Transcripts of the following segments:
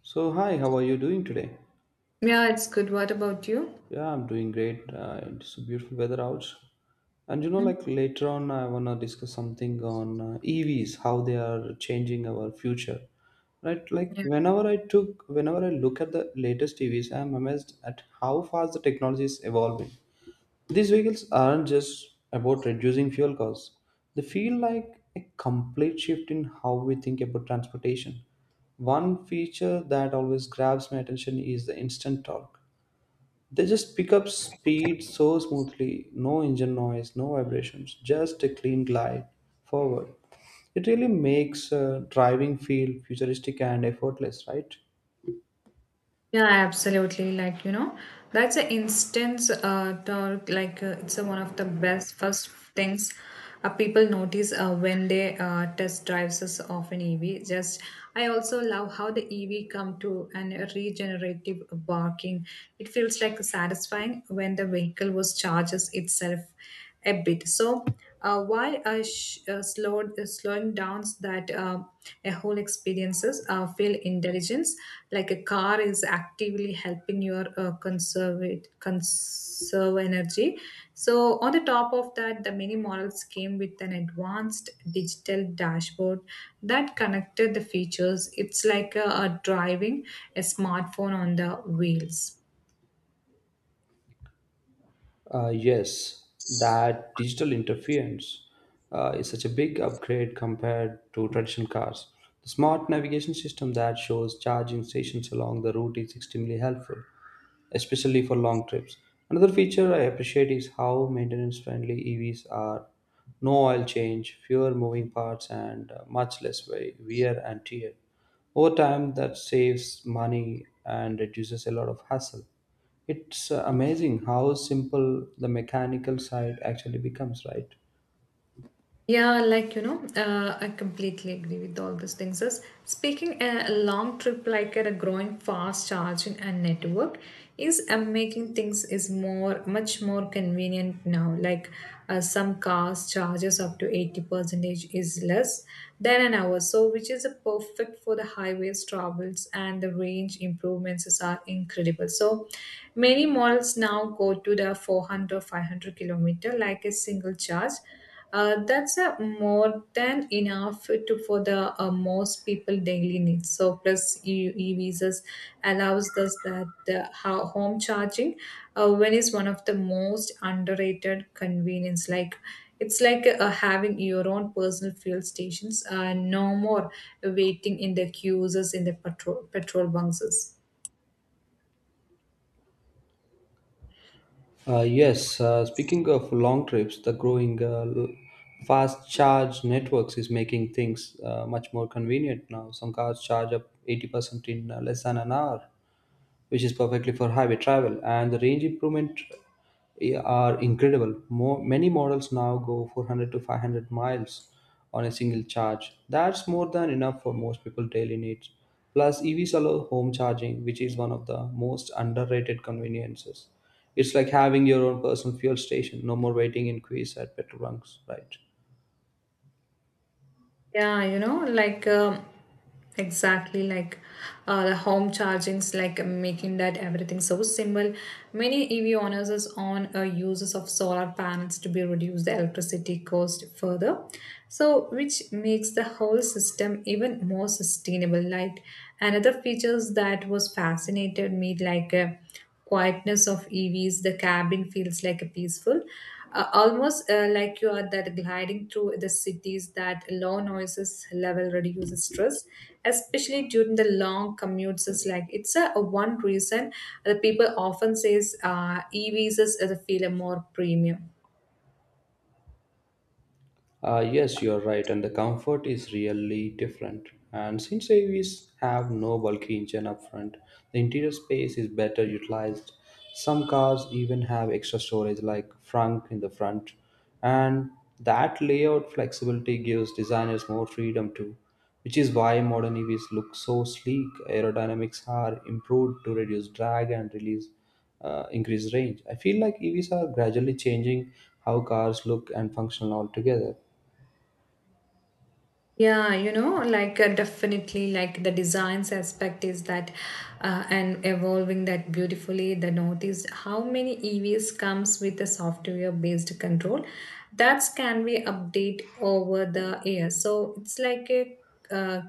So, hi, how are you doing today? Yeah, it's good. What about you? Yeah, I'm doing great. It's beautiful weather out. And you know, like Mm. later on, I want to discuss something on EVs, how they are changing our future. Right? Like Yeah. Whenever I look at the latest EVs, I'm amazed at how fast the technology is evolving. These vehicles aren't just about reducing fuel costs. They feel like a complete shift in how we think about transportation. One feature that always grabs my attention is the instant torque. They just pick up speed so smoothly, no engine noise, no vibrations, just a clean glide forward. It really makes driving feel futuristic and effortless, right? Yeah, absolutely. Like, that's an instance, the, like, it's a, one of the best first things people notice when they test drives us of an EV. Just, I also love how the EV come to an regenerative barking. It feels like satisfying when the vehicle was charges itself a bit. So, why slowing down so that a whole experiences feel intelligence, like a car is actively helping your conserve energy. So, on the top of that, the many models came with an advanced digital dashboard that connected the features. It's like a driving a smartphone on the wheels. Yes, that digital interference is such a big upgrade compared to traditional cars. The smart navigation system that shows charging stations along the route is extremely helpful, especially for long trips. Another feature I appreciate is how maintenance friendly EVs are no oil change, fewer moving parts, and much less wear and tear. Over time, that saves money and reduces a lot of hassle. It's amazing how simple the mechanical side actually becomes, right? Yeah, like I completely agree with all these things. As speaking a long trip like at a growing fast charging and network is making things is more much more convenient now. Like some cars charges up to 80 percentage is less than an hour, so which is a perfect for the highways travels and the range improvements is are incredible. So many models now go to the four hundred five hundred kilometer like a single charge, that's more than enough to for the most people daily needs. So plus e-visas allows us that the home charging when is one of the most underrated convenience. Like it's like having your own personal fuel stations. No more waiting in the queues in the petrol bunks. Yes, speaking of long trips, the growing fast charge networks is making things much more convenient now. Some cars charge up 80% in less than an hour, which is perfectly for highway travel. And the range improvement are incredible. Many models now go 400 to 500 miles on a single charge. That's more than enough for most people daily needs. Plus, EVs allow home charging, which is one of the most underrated conveniences. It's like having your own personal fuel station. No more waiting in queues at petrol bunks, right? Yeah, like exactly like the home chargings, like making that everything so simple. Many EV owners is on uses of solar panels to be reduce the electricity cost further, so which makes the whole system even more sustainable. Like another features that was fascinated me, like. Quietness of EVs, the cabin feels like a peaceful, almost like you are that gliding through the cities. That low noises level reduces stress, especially during the long commutes. Is like it's a one reason the people often says EVs is a feel a more premium. Yes, you are right, and the comfort is really different. And since AVs have no bulky engine up front, the interior space is better utilized. Some cars even have extra storage like trunk in the front, and that layout flexibility gives designers more freedom too, which is why modern EVs look so sleek. Aerodynamics are improved to reduce drag and release increase range. I feel like EVs are gradually changing how cars look and function altogether. Yeah, like definitely, like the designs aspect is that, and evolving that beautifully. The note is how many EVs comes with the software based control that can be update over the years. So it's like a uh,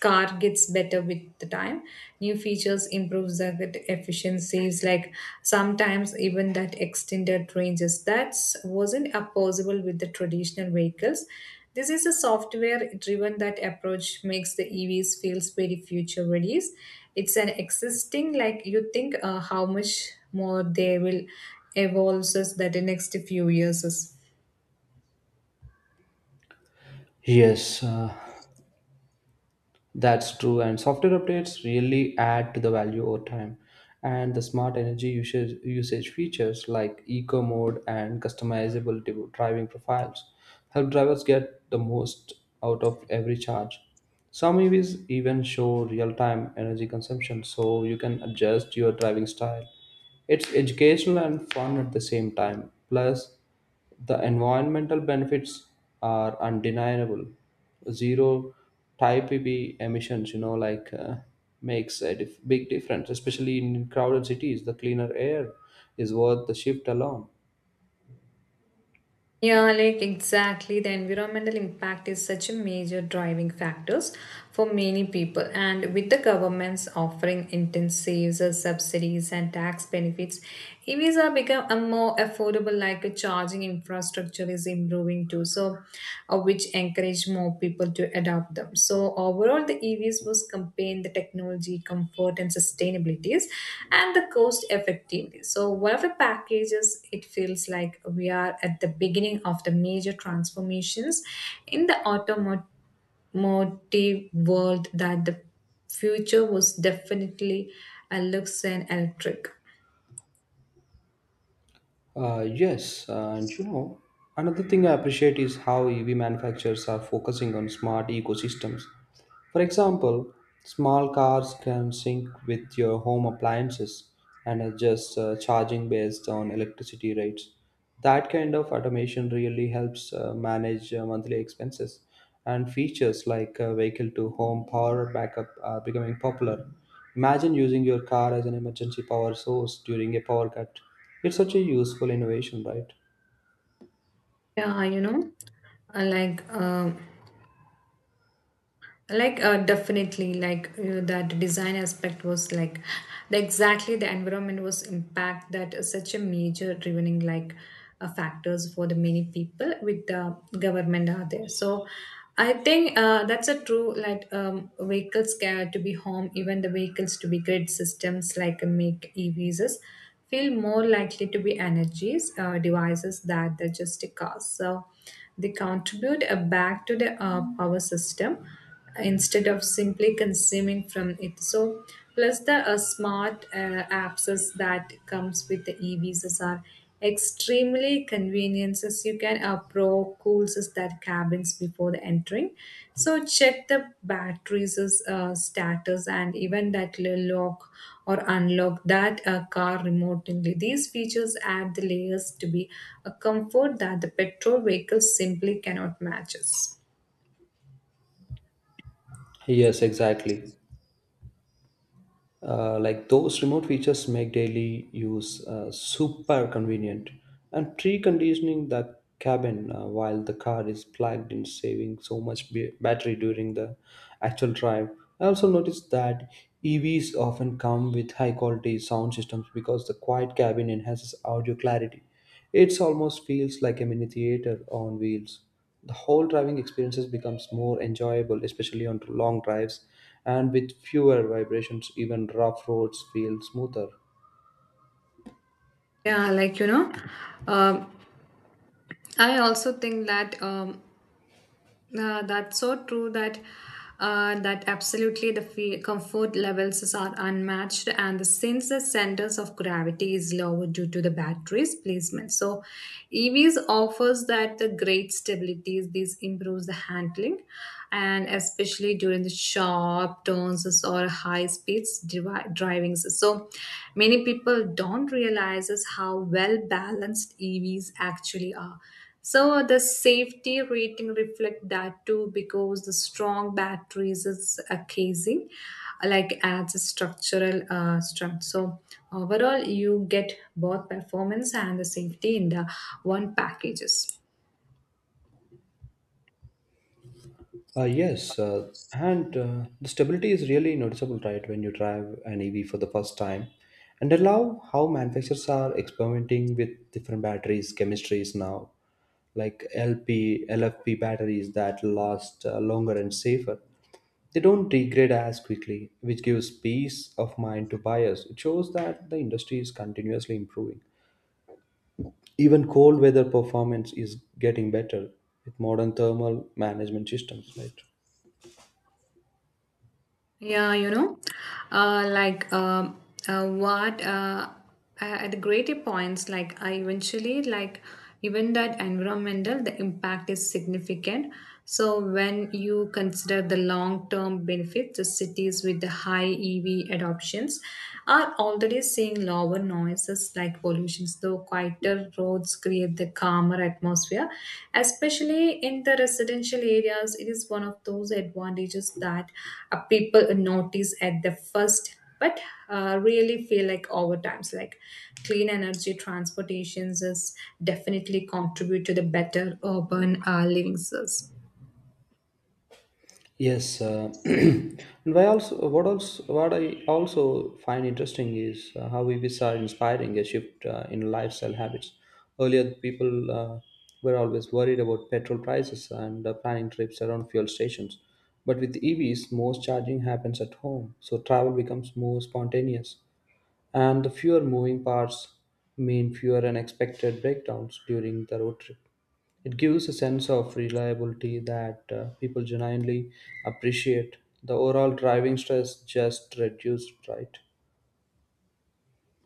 car gets better with the time, new features improves the efficiencies, like sometimes even that extended ranges that's wasn't a possible with the traditional vehicles. This is a software driven that approach makes the EVs feels very future ready. It's an existing, like you think how much more they will evolve us that the next few years is. Yes, that's true. And software updates really add to the value over time. And the smart energy usage features like eco mode and customizable driving profiles help drivers get the most out of every charge. Some EVs even show real time energy consumption so you can adjust your driving style. It's educational and fun at the same time. Plus, the environmental benefits are undeniable. Zero type PB emissions, like makes a big difference, especially in crowded cities. The cleaner air is worth the shift alone. Yeah, like exactly. The environmental impact is such a major driving factors for many people. And with the governments offering incentives, subsidies, and tax benefits, EVs are become a more affordable. Like a charging infrastructure is improving too. So which encourage more people to adopt them. So overall, the EVs was campaign the technology, comfort, and sustainabilities, and the cost effectiveness. So whatever packages, it feels like we are at the beginning of the major transformations in the automotive world that the future was definitely a looks and electric. Yes, and another thing I appreciate is how EV manufacturers are focusing on smart ecosystems. For example, small cars can sync with your home appliances and adjust charging based on electricity rates. That kind of automation really helps manage monthly expenses, and features like vehicle to home power backup are becoming popular. Imagine using your car as an emergency power source during a power cut. It's such a useful innovation, right? Yeah, uh, like. Um, like definitely, like that design aspect was like the, exactly the environment was impact that is such a major drivening like factors for the many people with the government are there, so I think that's a true like vehicles care to be home, even the vehicles to be grid systems like make EVs is feel more likely to be energies devices that they just cars, so they contribute back to the power system instead of simply consuming from it. So, plus the smart apps is that comes with the EVs are extremely conveniences. You can pro cools us that cabins before the entering. So check the batteries is, status and even that little lock or unlock that car remotely. These features add the layers to be a comfort that the petrol vehicles simply cannot match.es Yes, exactly. Like those remote features make daily use super convenient, and preconditioning the cabin while the car is plugged in saving so much battery during the actual drive. I also noticed that EVs often come with high quality sound systems because the quiet cabin enhances audio clarity. It almost feels like a mini theater on wheels. The whole driving experiences becomes more enjoyable, especially on long drives, and with fewer vibrations, even rough roads feel smoother. Yeah, like um, I also think that that's so true that that absolutely the fe comfort levels are unmatched and the, since the centers of gravity is lower due to the battery's placement, so EVs offers that the great stabilities. These improves the handling, and especially during the sharp turns or high speeds drivings, so many people don't realize is how well balanced EVs actually are. So the safety rating reflect that too because the strong batteries is a casing like adds a structural strength. So overall you get both performance and the safety in the one packages. Yes, and the stability is really noticeable, right, when you drive an EV for the first time. And I love how manufacturers are experimenting with different batteries, chemistries now, like LP, LFP batteries that last longer and safer. They don't degrade as quickly, which gives peace of mind to buyers. It shows that the industry is continuously improving. Even cold weather performance is getting better with modern thermal management systems, right? Yeah, like what at the greater points, like I eventually, like even that environmental, the impact is significant. So when you consider the long-term benefits, the cities with the high EV adoptions are already seeing lower noises like pollutions, though quieter roads create the calmer atmosphere. Especially in the residential areas, it is one of those advantages that people notice at the first, but really feel like over times. Like clean energy transportations is definitely contribute to the better urban living source. Yes, and why also what I also find interesting is how EVs are inspiring a shift in lifestyle habits. Earlier, the people were always worried about petrol prices and planning trips around fuel stations. But with EVs, most charging happens at home, so travel becomes more spontaneous, and the fewer moving parts mean fewer unexpected breakdowns during the road trip. It gives a sense of reliability that people genuinely appreciate. The overall driving stress just reduced, right?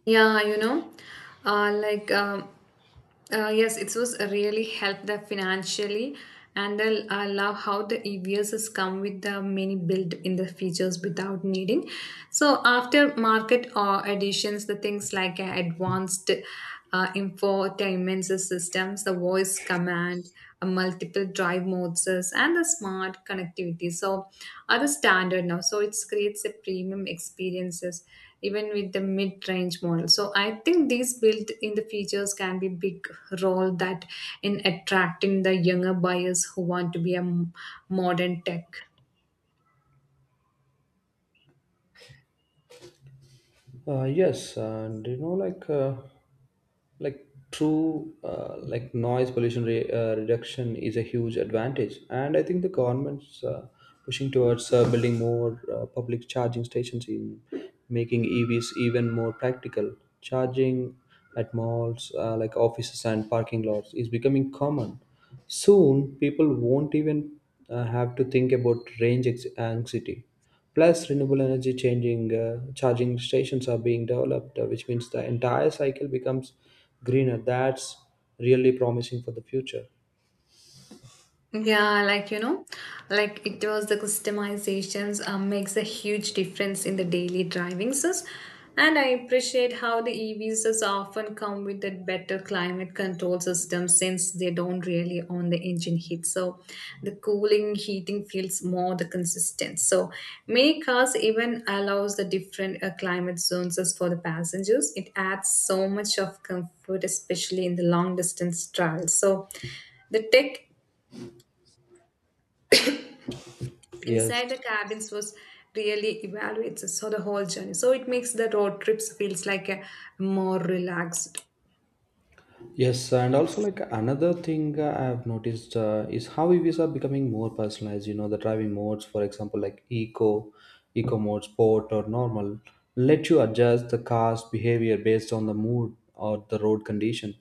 Yeah, like, yes, it was really helped them financially. And I love how the EVs has come with the many built in the features without needing. So after market additions, the things like advanced infotainment systems, the voice command, multiple drive modes, and the smart connectivity. So are the standard now. So it creates a premium experiences even with the mid-range model. So I think these built-in the features can be big role that in attracting the younger buyers who want to be a modern tech. Yes, and like like noise reduction is a huge advantage, and I think the government's pushing towards building more public charging stations in making EVs even more practical. Charging at malls, like offices and parking lots, is becoming common. Soon, people won't even have to think about anxiety. Plus, renewable charging stations are being developed, which means the entire cycle becomes greener. That's really promising for the future. Yeah, like like it was the customizations makes a huge difference in the daily driving sis. And I appreciate how the EVs is often come with the better climate control system since they don't really own the engine heat. So the cooling heating feels more the consistent. So many cars even allows the different climate zones as for the passengers. It adds so much of comfort, especially in the long distance travel. So the tech Yes. inside the cabins was really evaluates so the whole journey. So it makes the road trips feels like a more relaxed. Yes, and also like another thing I have noticed is how EVs are becoming more personalized. You know, the driving modes, for example, like eco mode, sport, or normal, let you adjust the car's behavior based on the mood or the road condition.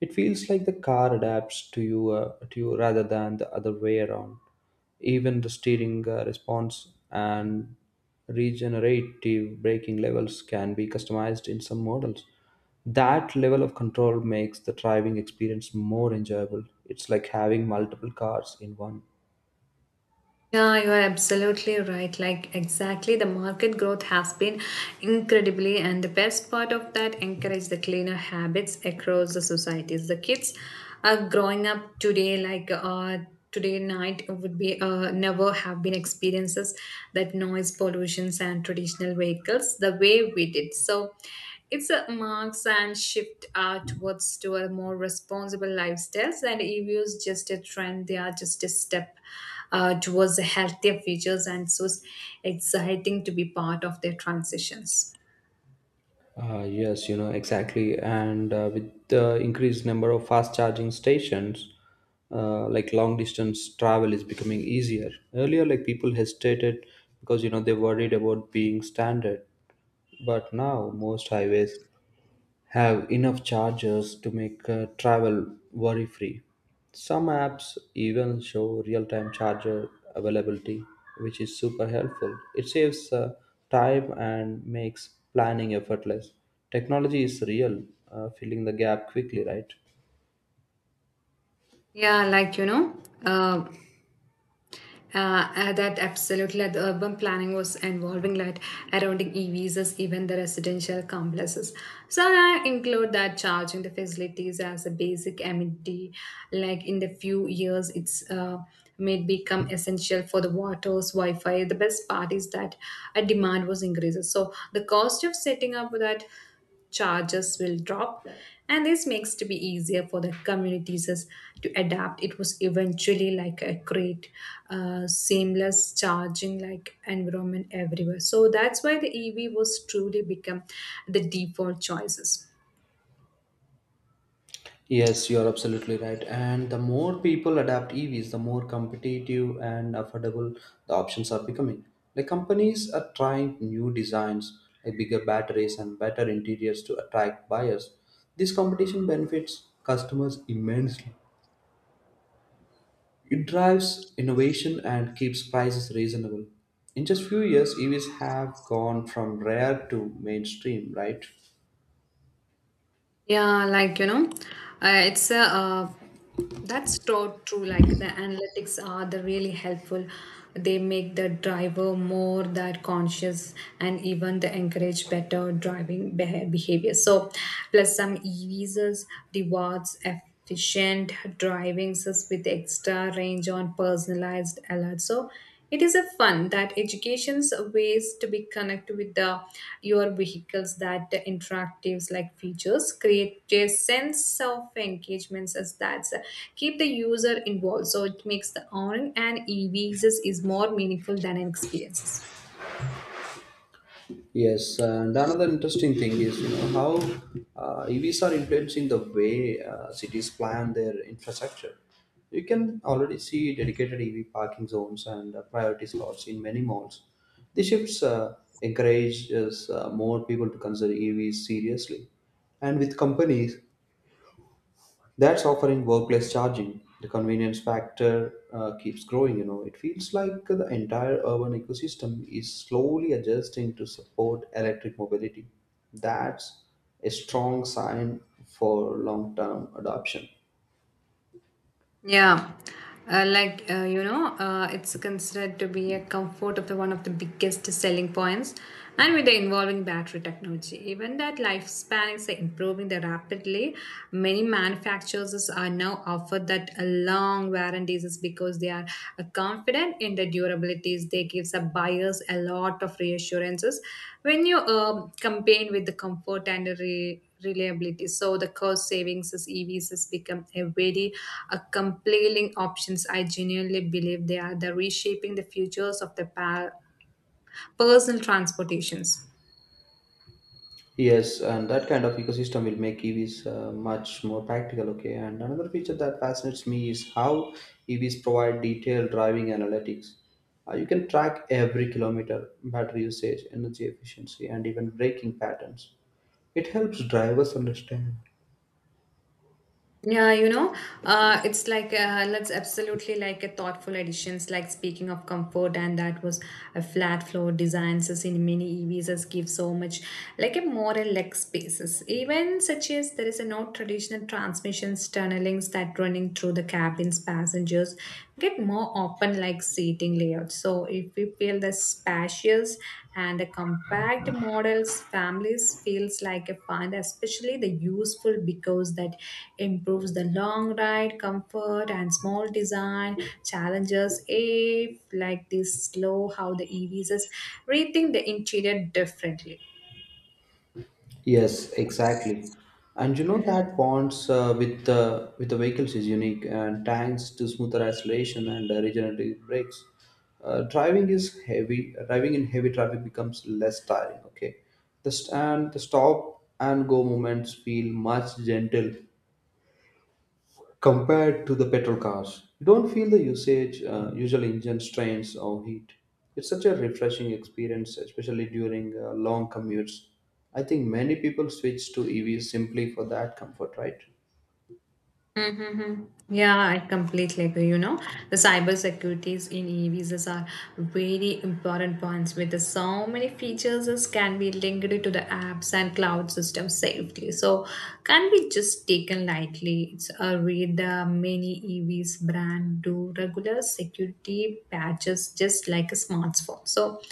It feels like the car adapts to you rather than the other way around. Even the steering response and regenerative braking levels can be customized in some models. That level of control makes the driving experience more enjoyable. It's like having multiple cars in one. Yeah, you are absolutely right. Like, exactly, the market growth has been incredibly, and the best part of that encourage the cleaner habits across the societies. The kids are growing up today, like, today night would be never have been experiences that noise pollutions and traditional vehicles the way we did, so it's a marks and shift towards to a more responsible lifestyles, and EVs just a trend, they are just a step towards the healthier futures, and so it's exciting to be part of their transitions. Yes, you know exactly, and with the increased number of fast charging stations, like long distance travel is becoming easier. Earlier, like people hesitated because they worried about being stranded, but now most highways have enough chargers to make travel worry free. Some apps even show real time charger availability, which is super helpful. It saves time and makes planning effortless. Technology is filling the gap quickly, right? Yeah, like that absolutely, like the urban planning was involving like around the EVs as even the residential complexes, so I include that charging the facilities as a basic amenity, like in the few years it's may become essential for the waters wi-fi. The best part is that a demand was increased, so the cost of setting up that charges will drop, and this makes to be easier for the communities to adapt it was eventually like a great seamless charging like environment everywhere, so that's why the EV was truly become the default choices. Yes, you're absolutely right. And the more people adapt EVs, the more competitive and affordable the options are becoming. Like companies are trying new designs, like bigger batteries and better interiors to attract buyers. This competition benefits customers immensely. It drives innovation and keeps prices reasonable. In just few years, EVs have gone from rare to mainstream, right? Yeah, like it's a that's so true. Like the analytics are the really helpful. They make the driver more that conscious, and even they encourage better driving behavior. So, plus some e-visas rewards efficient driving assist with extra range on personalized alerts. So. It is a fun that education's ways to be connected with the your vehicles that the interactives like features create a sense of engagements as that keep the user involved. So it makes the owning and EVs is more meaningful than an experiences. Yes, and another interesting thing is, how EVs are influencing the way cities plan their infrastructure. You can already see dedicated EV parking zones and priority slots in many malls. This shifts encourages more people to consider EVs seriously, and with companies that's offering workplace charging. The convenience factor keeps growing. It feels like the entire urban ecosystem is slowly adjusting to support electric mobility. That's a strong sign for long term adoption. Yeah, like it's considered to be a comfort of the one of the biggest selling points, and with the involving battery technology, even that lifespan is improving the rapidly. Many manufacturers are now offered that a long warranties is because they are confident in the durabilities. They gives the buyers a lot of reassurances when you campaign with the comfort and the reliability. So the cost savings as EVs has become a very a compelling options. I genuinely believe they are the reshaping the futures of the personal transportations. Yes, and that kind of ecosystem will make EVs much more practical. Okay, and another feature that fascinates me is how EVs provide detailed driving analytics. You can track every kilometer, battery usage, energy efficiency, and even braking patterns. It helps drivers understand. Yeah, you know, it's like that's absolutely like a thoughtful additions. Like speaking of comfort, and that was a flat floor designs as in many EVs as give so much like a more relaxed spaces. Even such as there is a no traditional transmissions tunnelings that running through the cabins passengers get more open like seating layouts. So if we feel the spacious and the compact models families feels like a find especially the useful because that improves the long ride comfort and small design challenges if like this slow how the evs is rethink the interior differently. Yes, exactly. And that bonds with the vehicles is unique, and thanks to smoother acceleration and regenerative brakes. Driving is heavy. Driving in heavy traffic becomes less tiring. Okay, and the stop and go moments feel much gentle compared to the petrol cars. You don't feel the usual engine strains or heat. It's such a refreshing experience, especially during long commutes. I think many people switch to EVs simply for that comfort, right? Mm-hmm. Yeah, I completely agree. You know, the cyber securities in EVs are very important points with the so many features as can be linked to the apps and cloud system safely. So can be just taken lightly. It's a read the many EVs brand do regular security patches just like a smartphone. So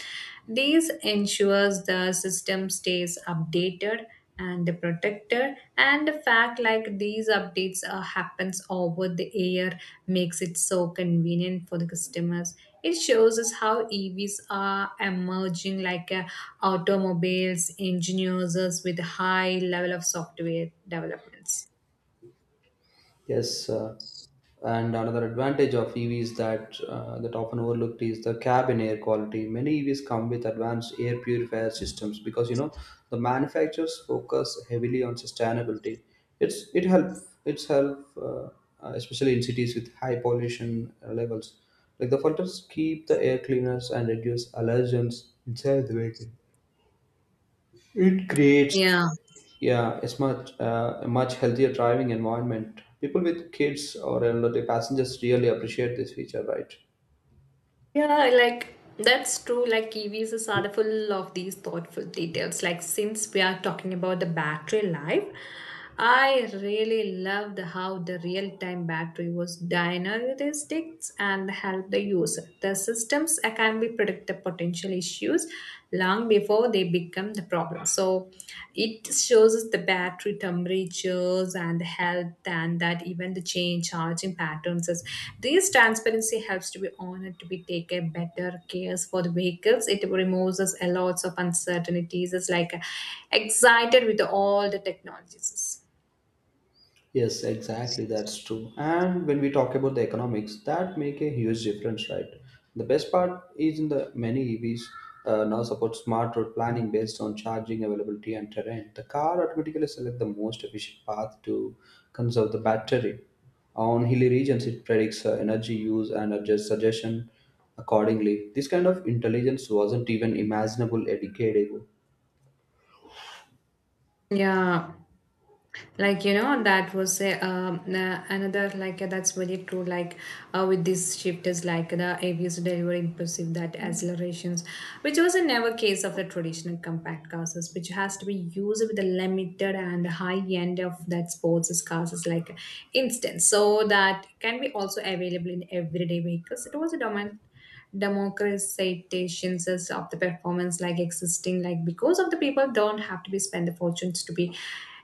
this ensures the system stays updated and protected and the fact like these updates happens over the air makes it so convenient for the customers. It shows us how evs are emerging like automobiles engineers with high level of software developments. Yes, and another advantage of EVs that often overlooked is the cabin air quality. Many EVs come with advanced air purifier systems because the manufacturers focus heavily on sustainability. It's it help it's help especially in cities with high pollution levels. Like the filters keep the air cleaners and reduce allergens inside the vehicle. It creates Yeah. yeah, it's much a much healthier driving environment. People with kids or elderly passengers really appreciate this feature, right? Yeah, like that's true. Like EVs are full of these thoughtful details. Like since we are talking about the battery life, I really loved how the real-time battery was dynamic and helped the user. The systems can be predict the potential issues long before they become the problem. So it shows us the battery temperatures and the health and that even the change charging patterns is this transparency helps to be honored to be take a better cares for the vehicles. It removes us a lots of uncertainties. It's like excited with all the technologies. Yes, exactly. That's true. And when we talk about the economics, that make a huge difference, right? The best part is in the many EVs now support smart road planning based on charging availability and terrain. The car automatically select the most efficient path to conserve the battery. On hilly regions, it predicts energy use and adjusts suggestion accordingly. This kind of intelligence wasn't even imaginable a decade ago. Yeah, like you know that was another like that's very true. Like with this shift is like the abuse delivery impulsive that accelerations which was a never case of the traditional compact classes which has to be used with the limited and high end of that sports classes like instance. So that can be also available in everyday vehicles. It was a dominant democratizations of the performance like existing like because of the people don't have to be spend the fortunes to be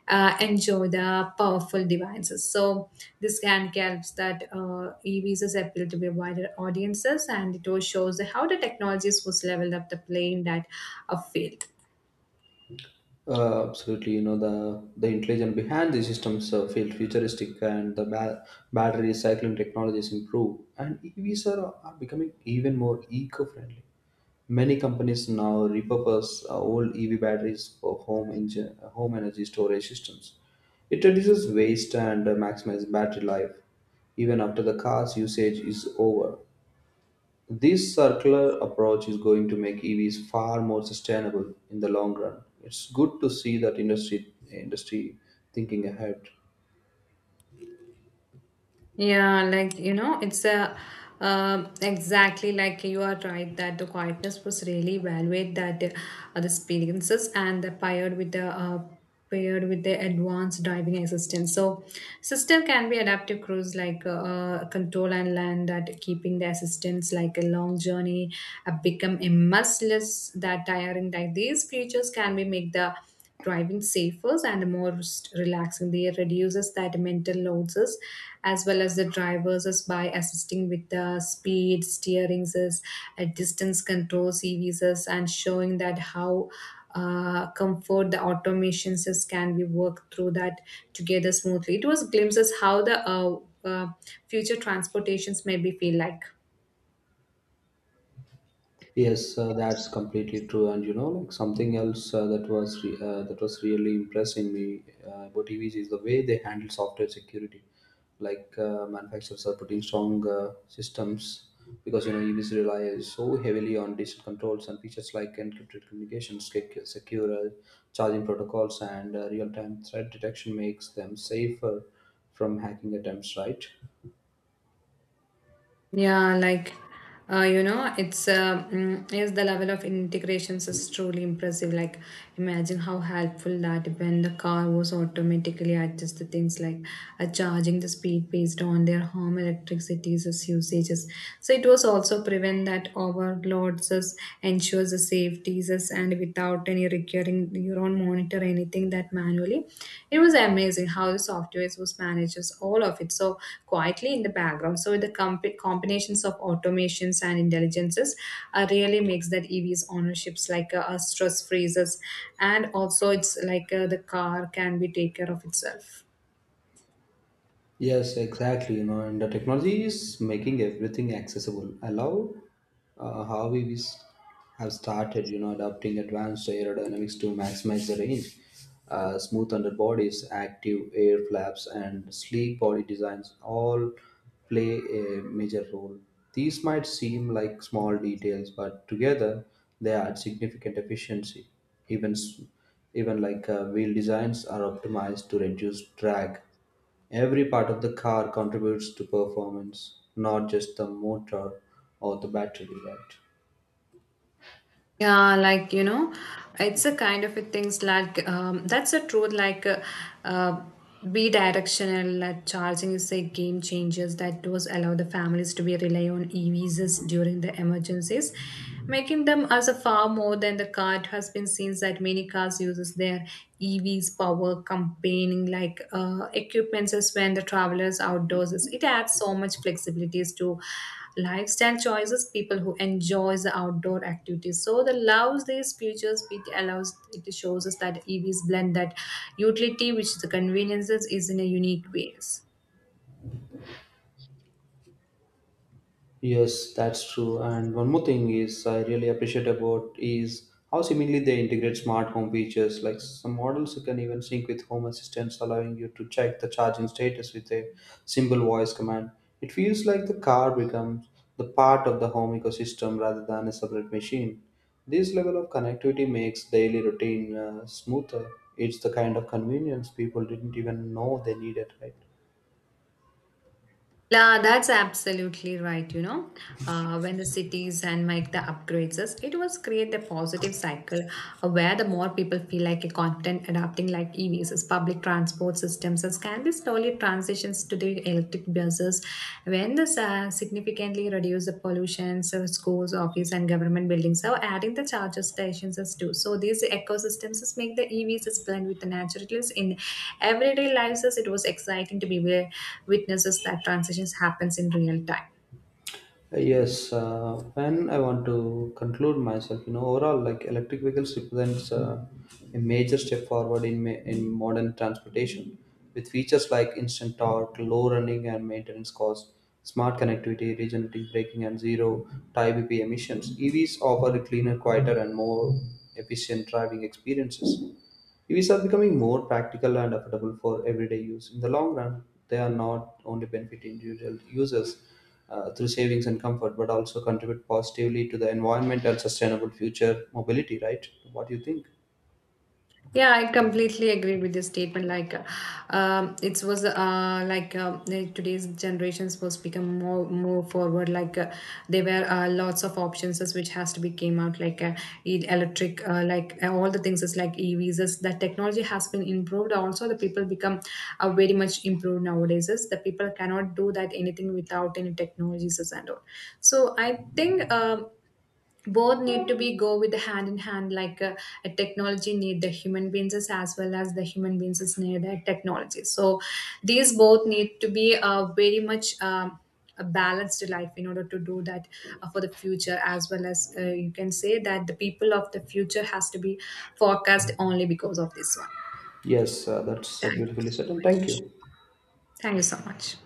enjoy the powerful devices. So this can helps that evs appeal to be wider audiences and it also shows how the technologies was leveled up the playing that a field. Absolutely, the intelligence behind these systems feel futuristic, and the battery recycling technologies improve, and EVs are becoming even more eco-friendly. Many companies now repurpose old EV batteries for home energy storage systems. It reduces waste and maximizes battery life even after the car's usage is over. This circular approach is going to make EVs far more sustainable in the long run. It's good to see that industry thinking ahead. Yeah, like you know, it's a exactly like you are right that the quietness was really evaluate that the experiences and the paired with the paired with the advanced driving assistance. So system can be adaptive cruise like control and land that keeping the assistance like a long journey become a must that tiring. Like these features can be make the driving safer and more relaxing. They reduces that mental loads as well as the drivers is by assisting with the speed steerings is distance control cvs and showing that how comfort the automations is can be worked through that together smoothly. It was glimpses how the uh, future transportations maybe feel like. Yes, that's completely true. And like something else that was really impressing me about EVs is the way they handle software security. Like manufacturers are putting strong systems because EVs rely so heavily on digital controls, and features like encrypted communications, secure charging protocols, and real-time threat detection makes them safer from hacking attempts, right? Yeah, like you know, it's yes, the level of integrations is truly impressive. Like, imagine how helpful that when the car was automatically adjusted things like charging the speed based on their home electricity's usages. So it was also prevent that overloads us, ensures the safeties us process and without any recurring neuron monitor anything that manually. It was amazing how the software was manages all of it so quietly in the background. So the combinations of automations and intelligences really makes that evs ownerships like a stress freezes and also it's like the car can be take care of itself. Yes, exactly. And the technology is making everything accessible. I love how have started, adopting advanced aerodynamics to maximize the range. Smooth underbodies, active air flaps, and sleek body designs all play a major role. These might seem like small details, but together they add significant efficiency. Even s- even like wheel designs are optimized to reduce drag. Every part of the car contributes to performance, not just the motor or the battery, right? Yeah, like you know, it's a kind of a things like that's a truth. Uh, be directional. Like charging is a game changers that does allow the families to be rely on EVs during the emergencies, making them as a far more than the car. It has been seen that many cars uses their EVs power campaigning like equipments as when the travelers outdoors. It adds so much flexibilities to lifestyle choices people who enjoys the outdoor activities so the allows these features it allows it shows us that evs blend that utility which the conveniences is in a unique ways. Yes, that's true. And one more thing is I really appreciate about is how seemingly they integrate smart home features. Like some models you can even sync with home assistants, allowing you to check the charging status with a simple voice command. It feels like the car becomes the part of the home ecosystem rather than a separate machine. This level of connectivity makes daily routine smoother. It's the kind of convenience people didn't even know they needed, right? La, that's absolutely right. You know, when the cities and make the upgrades, us, it was create a positive cycle where the more people feel like a confident adapting like EVs, as public transport systems, as can be slowly transitions to the electric buses. When this significantly reduce the pollution, so schools, office, and government buildings, so adding the charger stations as too. So these ecosystems is make the EVs as blend with the naturalness in everyday lives. As it was exciting to be witnesses that transitions happens in real time. Yes, when I want to conclude myself, overall, like electric vehicles represents a major step forward in in modern transportation, with features like instant torque, low running and maintenance costs, smart connectivity, regenerative braking, and zero tie BPM emissions. EVs offer a cleaner, quieter, and more efficient driving experiences. EVs are becoming more practical and affordable for everyday use. In the long run, they are not only benefit individual users through savings and comfort, but also contribute positively to the environment and sustainable future mobility, right? What do you think? Yeah, I completely agree with this statement. Like it was like today's generations was become more forward like there were lots of options as which has to be came out like electric like all the things is like evs is that technology has been improved also the people become very much improved nowadays is the people cannot do that anything without any technologies is and all. So I think both need to be go with the hand in hand like a technology need the human beings as well as the human beings need the technology. So these both need to be very much a balanced life in order to do that for the future as well as you can say that the people of the future has to be forecast only because of this one. Yes, that's Thank you beautifully so said, and thank much. you. Thank you so much.